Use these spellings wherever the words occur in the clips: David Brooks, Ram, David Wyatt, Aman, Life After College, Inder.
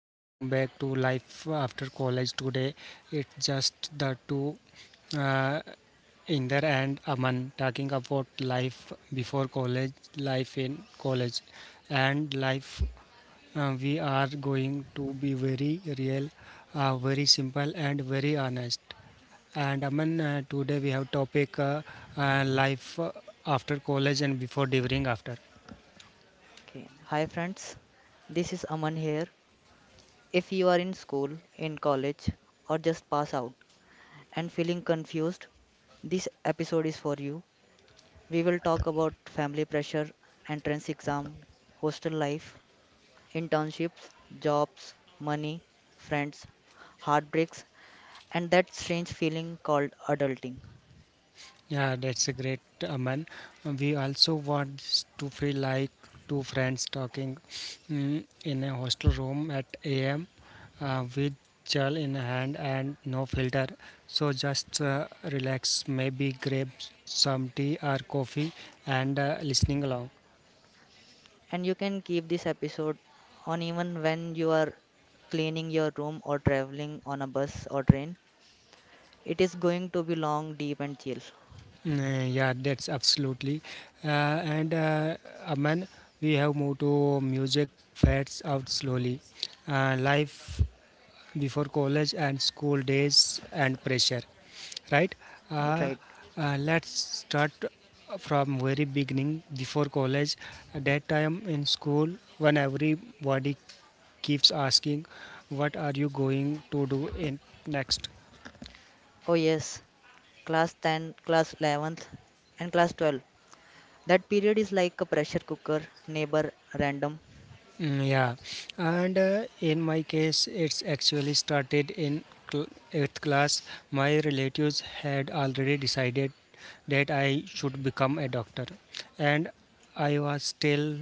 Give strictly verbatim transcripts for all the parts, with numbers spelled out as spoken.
welcome back to Life After College today. It's just the two, uh, Inder and Aman, talking about life before college, life in college, and life. Uh, we are going to be very real, uh, very simple, and very honest. And Aman, uh, today we have topic uh, uh, life after college and before during after. Okay. Hi friends, this is Aman here. If you are in school, in college, or just pass out and feeling confused, this episode is for you. We will talk about family pressure, entrance exam, hostel life, internships, jobs, money, friends, heartbreaks, and that strange feeling called adulting. Yeah, that's a great, Aman. We also want to feel like two friends talking mm, in a hostel room at A M uh, with gel in hand and no filter. So just uh, relax, maybe grab some tea or coffee and uh, listening along. And you can keep this episode on even when you are cleaning your room or traveling on a bus or train. It is going to be long, deep, and chill. Mm, yeah, that's absolutely. Uh, and uh, Aman, we have moved to music fades out slowly. Uh, life before college and school days and pressure right You're uh, right. uh, let's start from very beginning before college at that time in school when everybody keeps asking what are you going to do in next. Oh, yes. Class ten, class eleventh, and class twelve. That period is like a pressure cooker, neighbor, random. Mm, yeah, and uh, in my case, it's actually started in cl- eighth class. My relatives had already decided that I should become a doctor, and I was still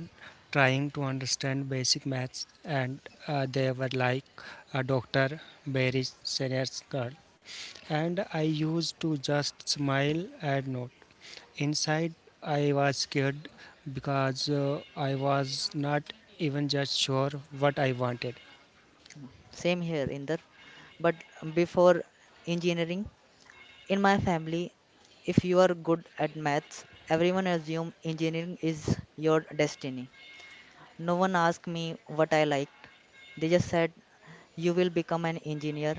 trying to understand basic maths. And uh, they were like, "A doctor, very serious girl," and I used to just smile and nod. Inside, I was scared because uh, I was not even just sure what I wanted. Same here, Inder. But before engineering, in my family, if you are good at maths, everyone assume engineering is your destiny. No one asked me what I liked. They just said, you will become an engineer,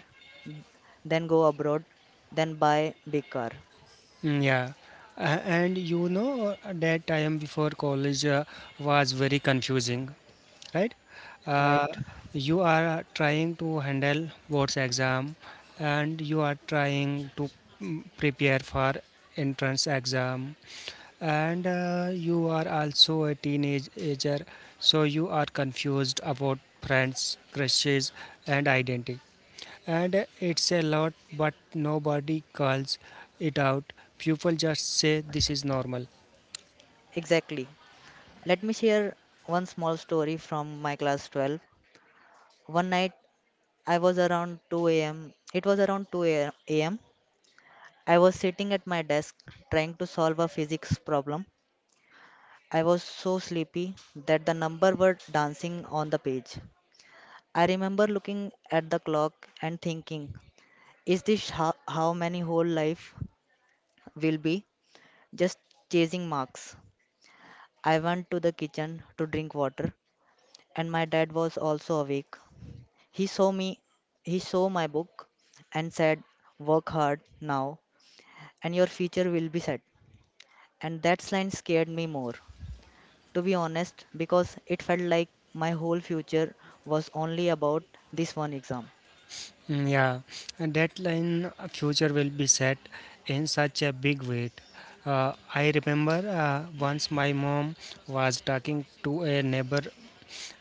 then go abroad, then buy big car, Mm, yeah, A- and you know uh, that time before college uh, was very confusing, right? Uh, right? you are trying to handle board's exam, and you are trying to mm, prepare for entrance exam. And uh, you are also a teenager, so you are confused about friends, crushes, and identity. And uh, it's a lot, but nobody calls it out. People just say this is normal. Exactly. Let me share one small story from my class twelve. One night I was around two a m. It was around two a m. I was sitting at my desk trying to solve a physics problem. I was so sleepy that the numbers were dancing on the page. I remember looking at the clock and thinking, is this how, how many whole life will be? Just chasing marks. I went to the kitchen to drink water and my dad was also awake. He saw me, he saw my book and said, work hard now and your future will be set. And that line scared me more, to be honest, because it felt like my whole future was only about this one exam. Mm, yeah, and that line uh, future will be set in such a big weight. Uh, I remember uh, once my mom was talking to a neighbor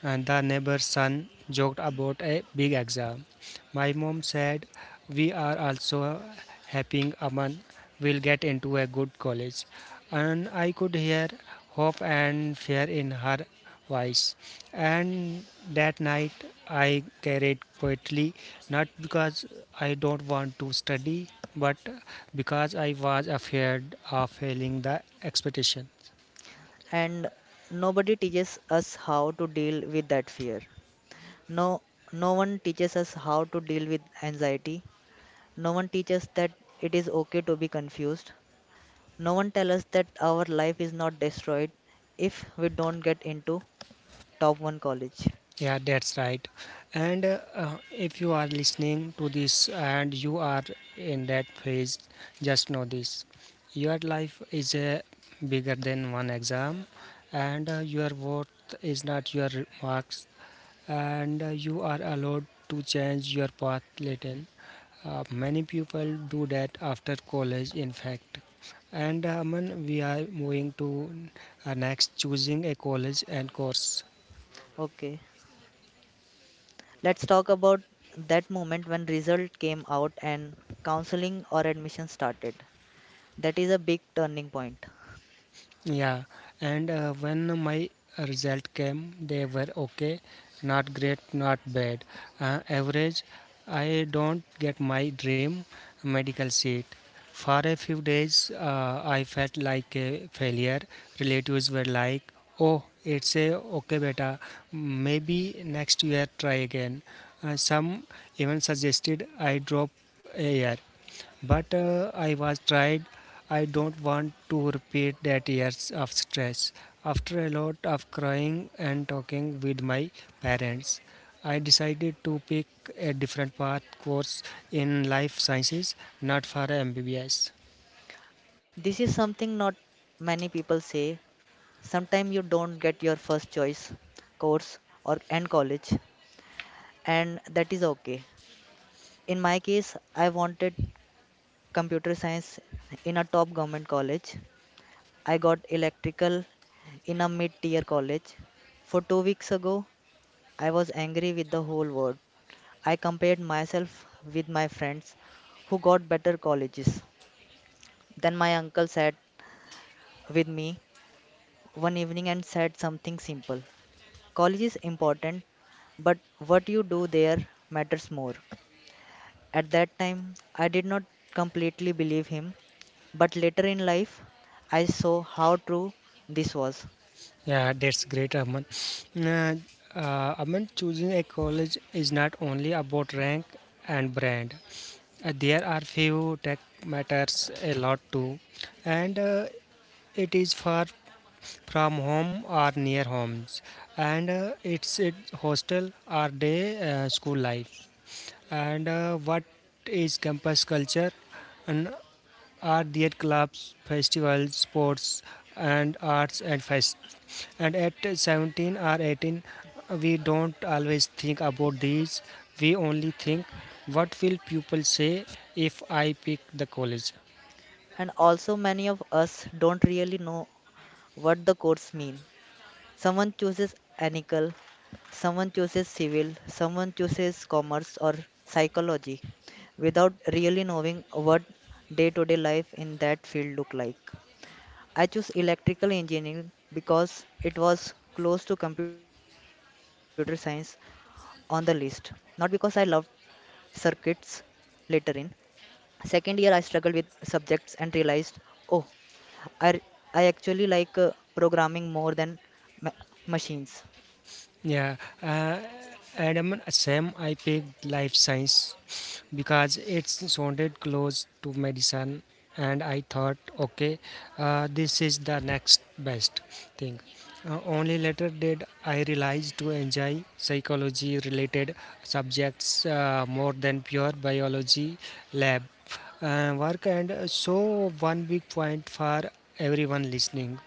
and the neighbor's son joked about a big exam. My mom said, "We are also hoping Aman will get into a good college." And I could hear hope and fear in her voice. And that night I carried quietly, not because I don't want to study, but because I was afraid of failing the expectation. And nobody teaches us how to deal with that fear. No, no one teaches us how to deal with anxiety. No one teaches that it is okay to be confused. No one tells us that our life is not destroyed if we don't get into top one college. Yeah, that's right. And uh, uh, if you are listening to this and you are in that phase, just know this. Your life is uh, bigger than one exam, and uh, your worth is not your marks, and uh, you are allowed to change your path later. Uh, many people do that after college, in fact. And uh, Aman, we are moving to uh, next choosing a college and course. Okay, let's talk about that moment when result came out and counseling or admission started. That is a big turning point. Yeah, and uh, when my result came, they were okay, not great, not bad, uh, average. I don't get my dream medical seat. For a few days, uh, I felt like a failure. Relatives were like, "Oh, it's a okay, beta. Maybe next year try again." Uh, some even suggested I drop a year. But uh, I was tried. I don't want to repeat that years of stress. After a lot of crying and talking with my parents, I decided to pick a different path course in life sciences, not for a M B B S. This is something not many people say. Sometimes you don't get your first choice course or and college, and that is okay. In my case, I wanted computer science in a top government college. I got electrical in a mid tier college. For two weeks ago, I was angry with the whole world. I compared myself with my friends who got better colleges. Then my uncle sat with me one evening and said something simple. College is important, but what you do there matters more. At that time, I did not completely believe him, but later in life, I saw how true this was. Yeah, that's great, Aman. Uh, uh, Aman, choosing a college is not only about rank and brand. Uh, there are few tech matters a lot too, and uh, it is for from home or near homes and uh, it's it hostel or day uh, school life, and uh, what is campus culture, and are there clubs, festivals, sports, and arts and fest? And at seventeen or eighteen we don't always think about these. We only think what will people say if I pick the college. And also, many of us don't really know what the codes mean. Someone chooses anical, someone chooses civil, someone chooses commerce or psychology without really knowing what day to day life in that field look like. I chose electrical engineering because it was close to computer science on the list, not because I loved circuits later in. Second year, I struggled with subjects and realized, oh, I r- I actually like uh, programming more than ma- machines. Yeah, uh, Adam, same. I picked life science because it sounded close to medicine, and I thought, okay, uh, this is the next best thing. Uh, only later did I realize to enjoy psychology related subjects uh, more than pure biology lab uh, work. And uh, so, one big point for everyone listening,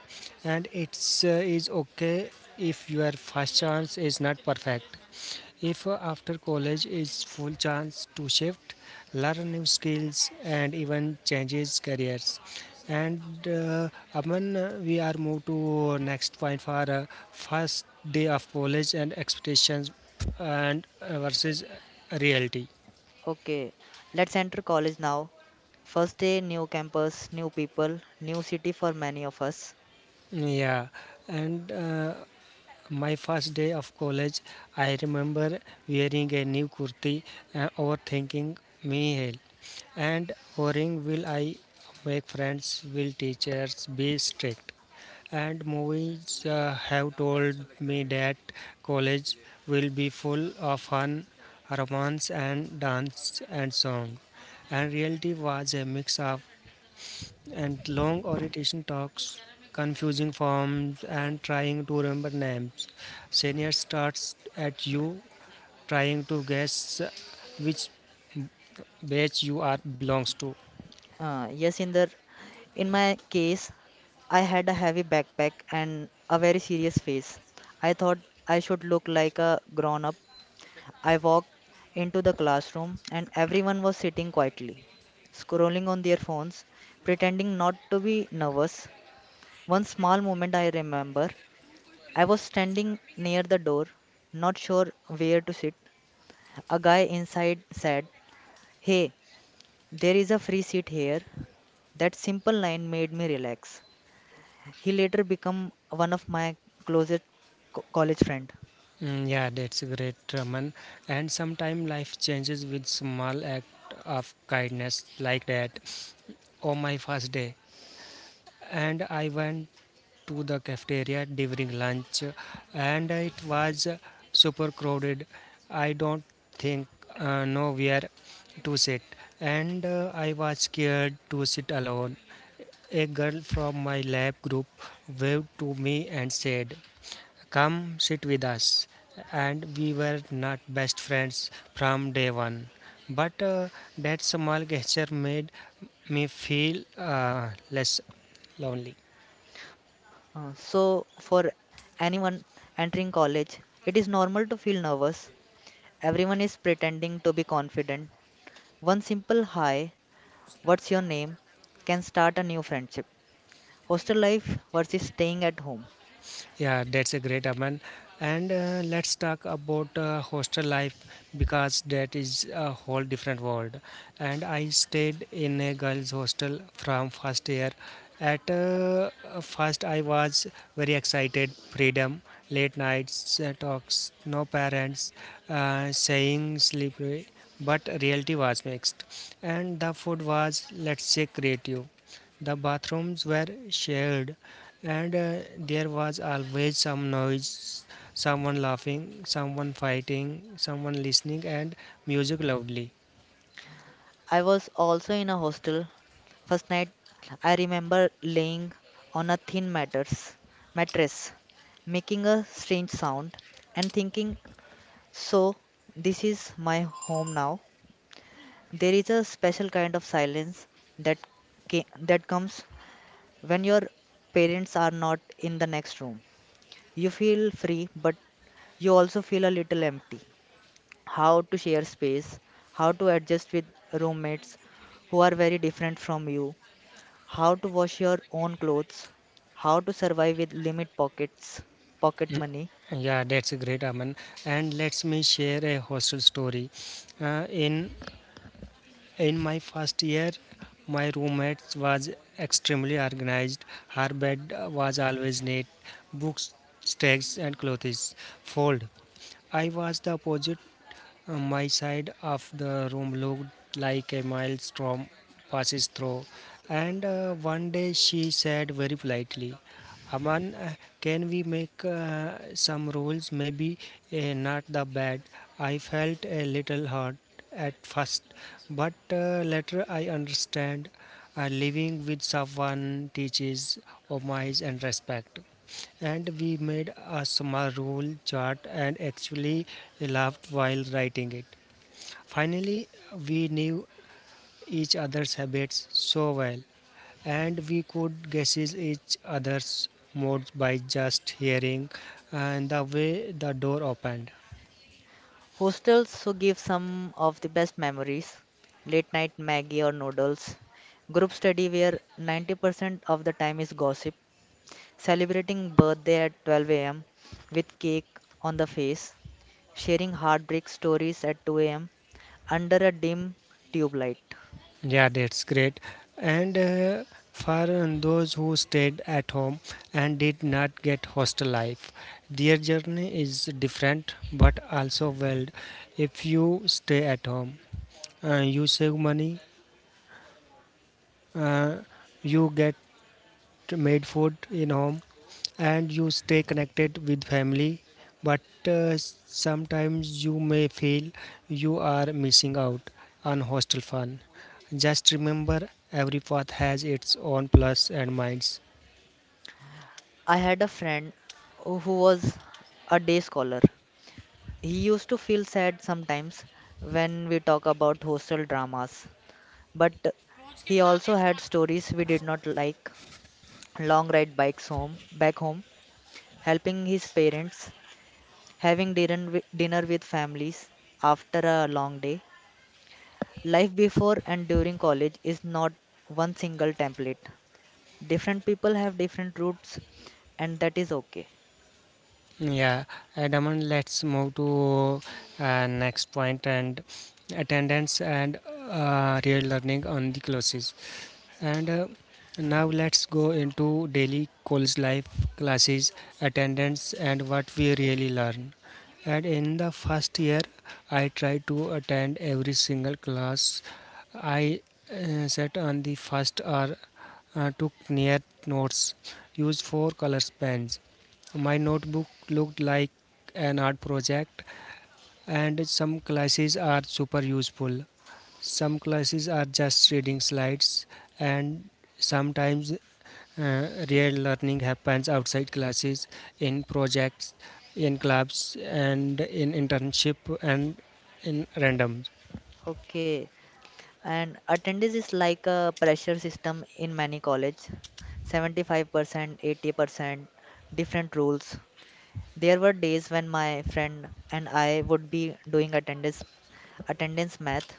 and it's uh, is okay if your first chance is not perfect, if after college is full chance to shift, learn new skills, and even changes careers. And uh, Aman, uh, we are moved to next point for uh, first day of college and expectations and uh, versus reality. Okay, let's enter college now. First day, new campus, new people, new city for many of us. Yeah, and uh, my first day of college, I remember wearing a new kurti, uh, overthinking me hell. And worrying, will I make friends, will teachers be strict? And movies uh, have told me that college will be full of fun, romance, and dance and song. And reality was a mix of and long orientation talks, confusing forms, and trying to remember names. Senior starts at you, trying to guess which batch you are belongs to. Uh, yes, in the in my case, I had a heavy backpack and a very serious face. I thought I should look like a grown up. I walked into the classroom and everyone was sitting quietly, scrolling on their phones, pretending not to be nervous. One small moment I remember. I was standing near the door, not sure where to sit. A guy inside said, hey, there is a free seat here. That simple line made me relax. He later became one of my closest co- college friend. Mm, yeah, that's great, Raman. And sometimes life changes with small act of kindness like that. On my first day, and I went to the cafeteria during lunch, and it was super crowded. I don't think uh, know where to sit, and uh, I was scared to sit alone. A girl from my lab group waved to me and said, come sit with us. And we were not best friends from day one. But uh, that small gesture made me feel uh, less lonely. Uh, so, for anyone entering college, it is normal to feel nervous. Everyone is pretending to be confident. One simple hi, what's your name, can start a new friendship. Hostel life versus staying at home. Yeah, that's a great Aman. And uh, let's talk about uh, hostel life because that is a whole different world. And I stayed in a girls' hostel from first year. At uh, first, I was very excited. Freedom, late nights, uh, talks, no parents, uh, saying slippery. But reality was mixed, and the food was let's say creative. The bathrooms were shared, and uh, there was always some noise, someone laughing, someone fighting, someone listening, and music loudly. I was also in a hostel. First night, I remember laying on a thin matters, mattress, making a strange sound, and thinking, so this is my home now. There is a special kind of silence that ca- that comes when your parents are not in the next room. You feel free, but you also feel a little empty. How to share space, how to adjust with roommates who are very different from you, how to wash your own clothes, how to survive with limit pockets, pocket money. Yeah, that's great, Aman. And let me share a hostel story. Uh, in in my first year, my roommate was extremely organized. Her bed uh, was always neat, books, stacks, and clothes fold. I was the opposite. Uh, my side of the room looked like a mild storm passes through, and uh, one day she said very politely, "Aman, uh, can we make uh, some rules? Maybe uh, not the bad." I felt a little hurt at first, but uh, later I understand uh, living with someone teaches homage and respect. And we made a small rule chart and actually laughed while writing it. Finally, we knew each other's habits so well, and we could guess each other's moods by just hearing and the way the door opened. Hostels also give some of the best memories late night Maggie or noodles, group study where ninety percent of the time is gossip, celebrating birthday at twelve a m with cake on the face, sharing heartbreak stories at two a m under a dim tube light. Yeah, that's great. And uh, for those who stayed at home and did not get hostel life, their journey is different but also valid. If you stay at home, uh, you save money, uh, you get made food in home, and you stay connected with family, but uh, sometimes you may feel you are missing out on hostel fun. Just remember, every path has its own plus and minus. I had a friend who was a day scholar. He used to feel sad sometimes when we talk about hostel dramas, but he also had stories we did not like. Long ride bikes home, back home, helping his parents, having dinner wi- dinner with families after a long day. Life before and during college is not one single template. Different people have different routes, and that is okay. Yeah, and Aman, let's move to uh, next point and attendance and uh, real learning on the classes. And uh, now let's go into daily college life, classes, attendance, and what we really learn. And in the first year, I tried to attend every single class. I uh, sat on the first hour, uh, took near notes, used four colors pens. My notebook looked like an art project, and some classes are super useful, some classes are just reading slides, and sometimes uh, real learning happens outside classes, in projects, in clubs, and in internship, and in randoms. Okay. And attendance is like a pressure system in many colleges seventy-five percent, eighty percent, different rules. There were days when my friend and I would be doing attendance, attendance math.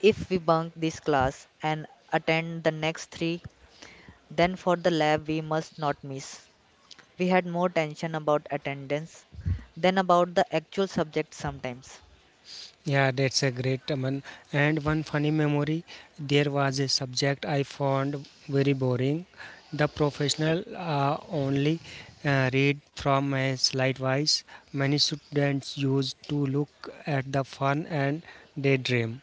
If we bunk this class and attend the next three, then for the lab we must not miss. We had more tension about attendance than about the actual subject sometimes. Yeah, that's a great one. And one funny memory, there was a subject I found very boring. The professional uh, only uh, read from a slidewise. Many students used to look at the fun and daydream.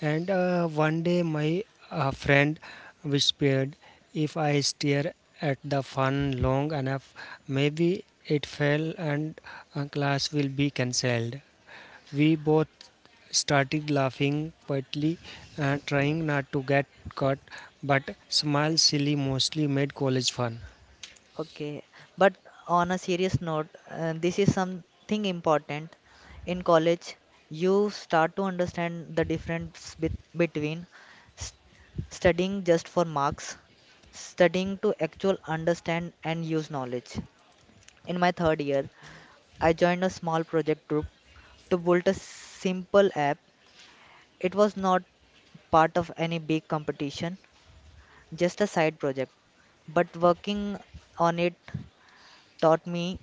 And uh, one day, my uh, friend whispered, "If I stare at the fun long enough, maybe it fell and uh, class will be cancelled." We both started laughing quietly, uh, trying not to get caught, but smiles silly mostly made college fun. Okay, but on a serious note, uh, this is something important. In college, you start to understand the difference bet between st studying just for marks, studying to actual understand and use knowledge. In my third year, I joined a small project group to build a simple app. It was not part of any big competition, just a side project, but working on it taught me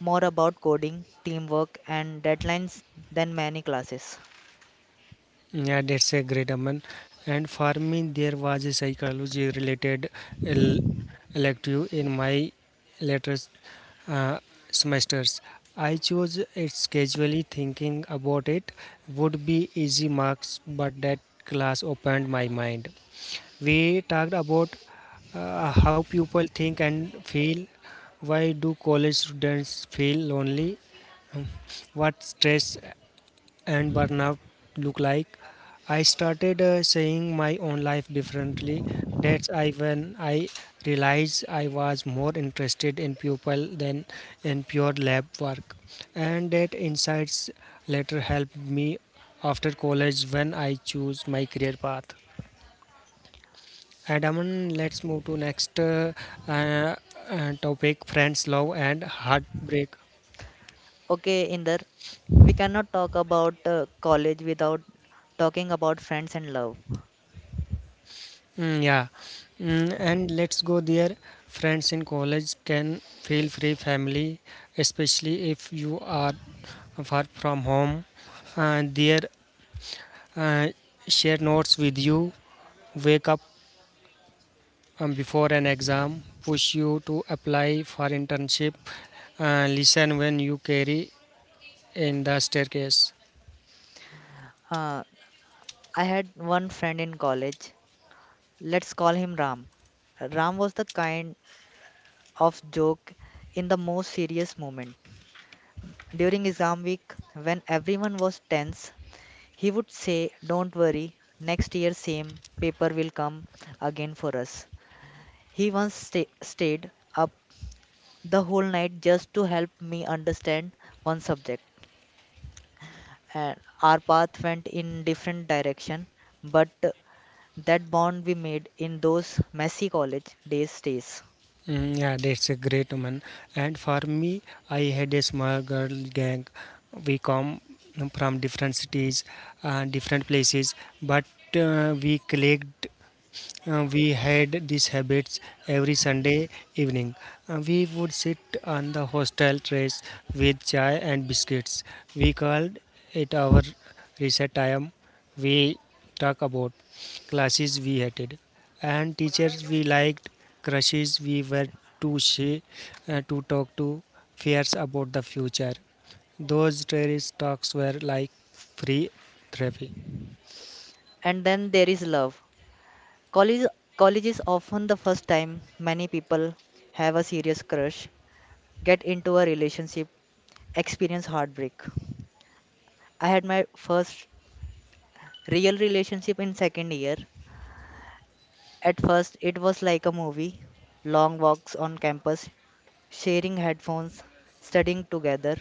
more about coding, teamwork, and deadlines than many classes. Yeah, that's a great one. And for me, there was a psychology related el- elective in my latest uh, semesters. I chose it casually thinking about it would be easy marks, but that class opened my mind. We talked about uh, how people think and feel. Why do college students feel lonely? What stress and burnout look like. I started uh, seeing my own life differently. That's I when I realized I was more interested in pupil than in pure lab work, and that insights later helped me after college when I choose my career path. And Aman, let's move to next uh, uh, uh, topic: friends, love, and heartbreak. Okay, Inder, we cannot talk about uh, college without talking about friends and love. Mm, yeah, mm, and let's go there. Friends in college can feel free family, especially if you are far from home. Uh, there, uh, share notes with you. Wake up um, before an exam. Push you to apply for internship. Uh, listen when you carry in the staircase. Uh, I had one friend in college. Let's call him Ram. Ram was the kind of joke in the most serious moment. During exam week, when everyone was tense, he would say, don't worry, next year same paper will come again for us. He once sta stayed up the whole night just to help me understand one subject. And our path went in different direction, but that bond we made in those messy college days stays. Mm, yeah, that's a great one. And for me, I had a small girl gang. We come from different cities, uh, different places, but uh, we clicked. Uh, we had these habits every Sunday evening. Uh, we would sit on the hostel terrace with chai and biscuits. We called it our reset time. We talk about classes we hated and teachers we liked, crushes we were too shy uh, to talk to, fears about the future. Those terrace talks were like free therapy. And then there is love. College college is often the first time many people have a serious crush, get into a relationship, experience heartbreak. I had my first real relationship in second year. At first, it was like a movie long walks on campus, sharing headphones, studying together.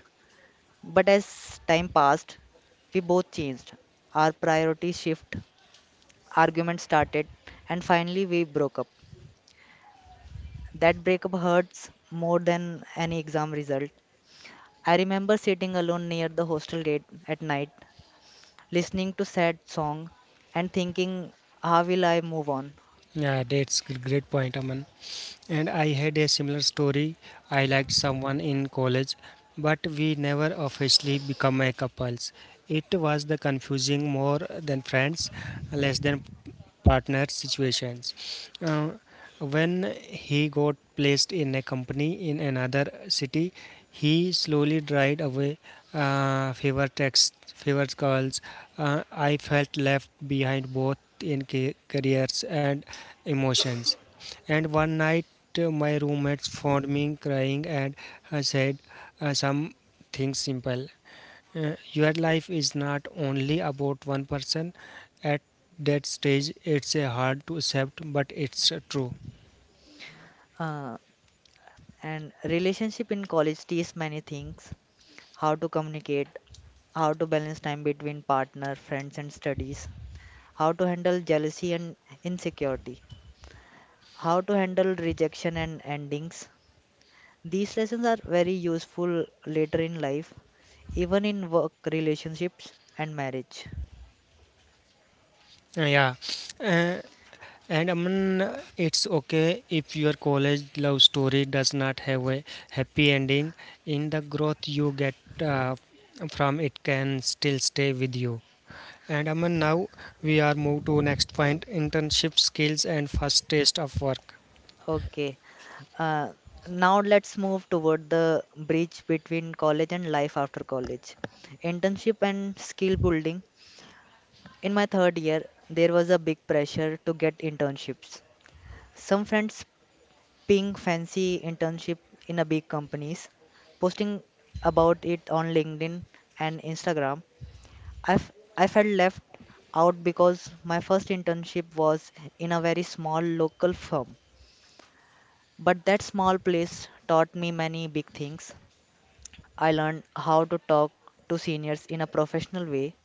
But as time passed, we both changed. Our priorities shifted, arguments started, and finally we broke up. That breakup hurts more than any exam result. I remember sitting alone near the hostel gate at night, listening to sad song and thinking, how will I move on? Yeah, that's a great point, Aman. And I had a similar story. I liked someone in college, but we never officially became a couples. It was the confusing more than friends, less than partner situations. Uh, when he got placed in a company in another city, he slowly dried away uh, fever texts, fever calls. Uh, I felt left behind both in ca- careers and emotions. And one night my roommates found me crying and uh, said uh, something simple. Uh, your life is not only about one person. At that stage, it's uh, hard to accept, but it's uh, true. Uh, and relationship in college teaches many things, how to communicate, how to balance time between partner, friends, and studies, how to handle jealousy and insecurity, how to handle rejection and endings. These lessons are very useful later in life, even in work relationships and marriage. Uh, yeah. Uh, and Aman, it's okay if your college love story does not have a happy ending. In the growth you get uh, from it can still stay with you. And Aman, now we are moved to next point internship skills and first taste of work. Okay, uh, now let's move toward the bridge between college and life after college. Internship and skill building. In my third year, there was a big pressure to get internships. Some friends ping fancy internship in a big companies, posting about it on LinkedIn and Instagram. I've I f- I felt left out because my first internship was in a very small local firm. But that small place taught me many big things. I learned how to talk to seniors in a professional way.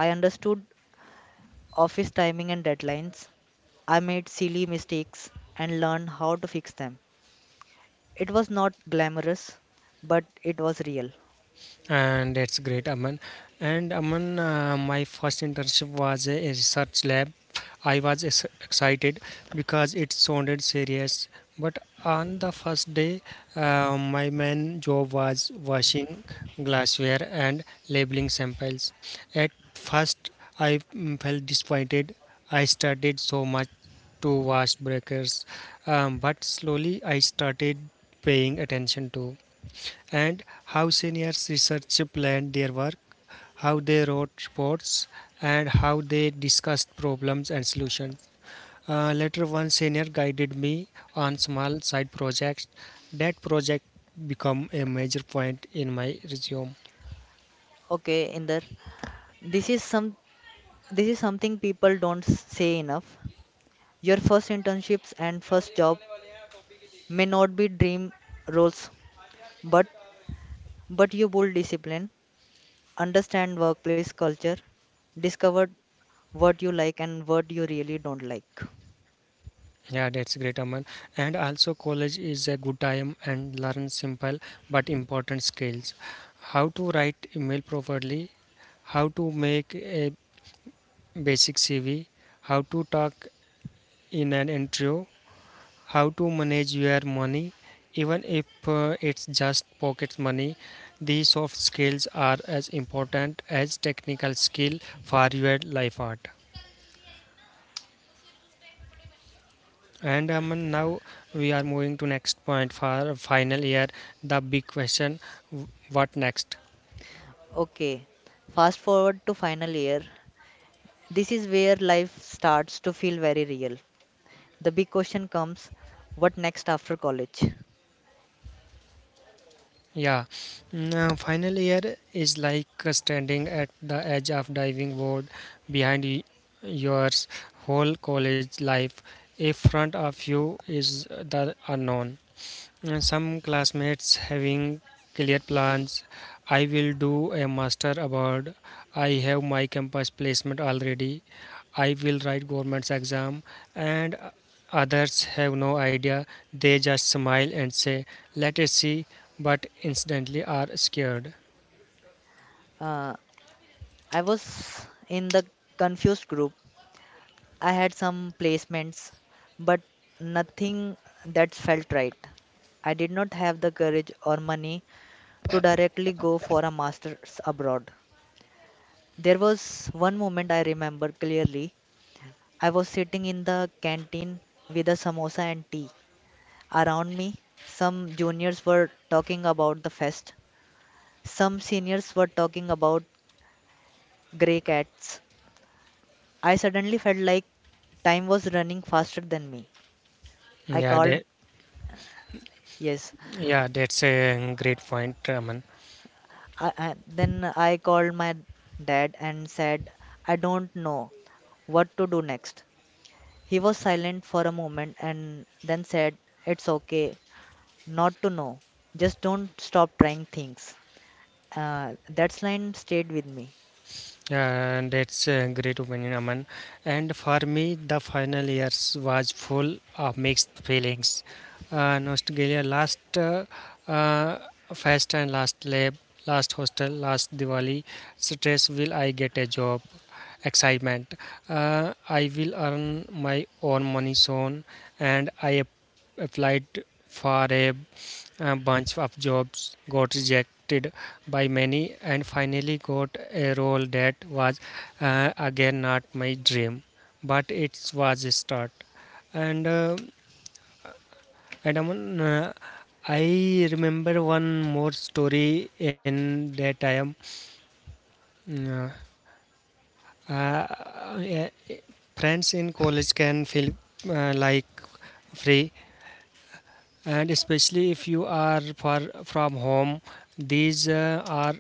I understood office timing and deadlines. I made silly mistakes and learned how to fix them. It was not glamorous, but it was real. And that's great, Aman. And Aman, uh, my first internship was a, a research lab. I was ex- excited because it sounded serious, but on the first day, uh, my main job was washing glassware and labeling samples. At first, I mm, felt disappointed. I studied so much to wash breakers, um, but slowly I started paying attention to and how seniors research planned their work, how they wrote reports, and how they discussed problems and solutions. Uh, later, one senior guided me on small side projects. That project become a major point in my resume. Okay, Inder. This is some this is something people don't s- say enough. Your first internships and first job may not be dream roles, but but you build discipline, understand workplace culture, discover what you like and what you really don't like. Yeah, that's great, Aman. And also, college is a good time and learn simple but important skills. How to write email properly, how to make a basic C V, how to talk in an intro, how to manage your money, even if uh, it's just pocket money. These soft skills are as important as technical skill for your life art. And um, now we are moving to next point for final year, the big question, what next? Okay. Fast forward to final year. This is where life starts to feel very real. The big question comes, what next after college? Yeah, now final year is like uh, standing at the edge of diving board. behind y- Yours whole college life. In front of you is the unknown. Some classmates having clear plans. I will do a master abroad. I have my campus placement already. I will write government's exam. And others have no idea. They just smile and say, "Let us see," but incidentally are scared. Uh, I was in the confused group. I had some placements, but nothing that felt right. I did not have the courage or money to directly go for a master's abroad. There was one moment I remember clearly. I was sitting in the canteen with a samosa and tea. Around me, some juniors were talking about the fest, some seniors were talking about grey cats, I suddenly felt like time was running faster than me. I Yeah, called, that, yes, yeah, that's a great point, Raman. I, I, then I called my dad and said, I don't know what to do next. He was silent for a moment and then said, it's okay not to know. Just don't stop trying things. Uh, that line stayed with me. Yeah, that's a great opinion, Aman. And for me, the final years was full of mixed feelings. Uh, nostalgia, last uh, uh, fest and last lab, last hostel, last Diwali. Stress, will I get a job? Excitement, uh, I will earn my own money soon. And I ap- applied for a a bunch of jobs, got rejected by many, and finally got a role that was, uh, again, not my dream, but it was a start. And uh, and Aman, uh, I remember one more story in that time. Mm, Uh, uh, Friends in college can feel uh, like free, and especially if you are far from home, these uh, are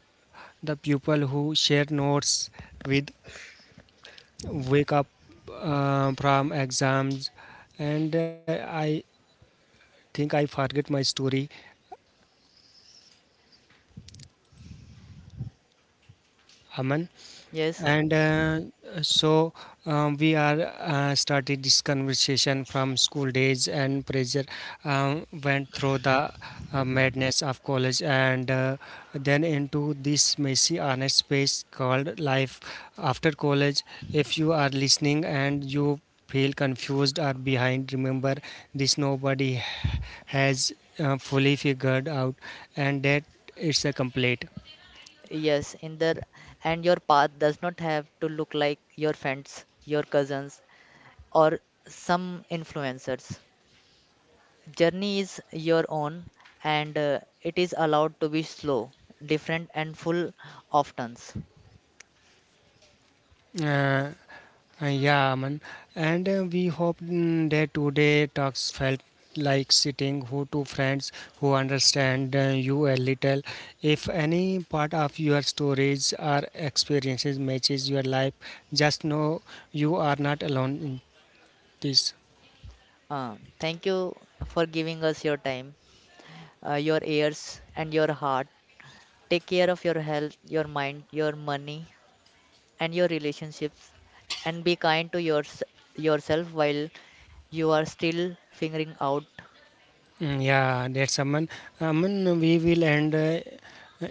the pupil who share notes with, wake up uh, from exams, and uh, I think I forget my story, Aman. Yes, And uh, so, um, we are uh, started this conversation from school days and pressure, um, went through the uh, madness of college, and uh, then into this messy honest space called life after college. If you are listening and you feel confused or behind, remember this, nobody has uh, fully figured out and that it's a complete. yes, in the and your path does not have to look like your friends, your cousins, or some influencers. Journey is your own, and uh, it is allowed to be slow, different, and full of turns. Uh, Uh, yeah, man. And uh, we hope mm, that today talks felt like sitting who two friends who understand uh, you a little. If any part of your stories or experiences matches your life, just know you are not alone in this. Uh, thank you for giving us your time, uh, your ears, and your heart. Take care of your health, your mind, your money, and your relationships, and be kind to yours yourself while you are still figuring out. Mm, Yeah, that's Aman. Aman, we will end uh,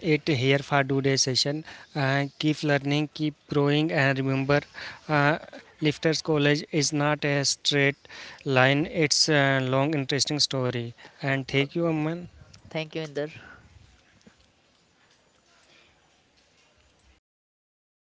it here for today's session. Uh, keep learning, keep growing, and remember, uh, Lifters College is not a straight line, it's a long, interesting story. And Uh, thank you, Aman. Thank you, Inder.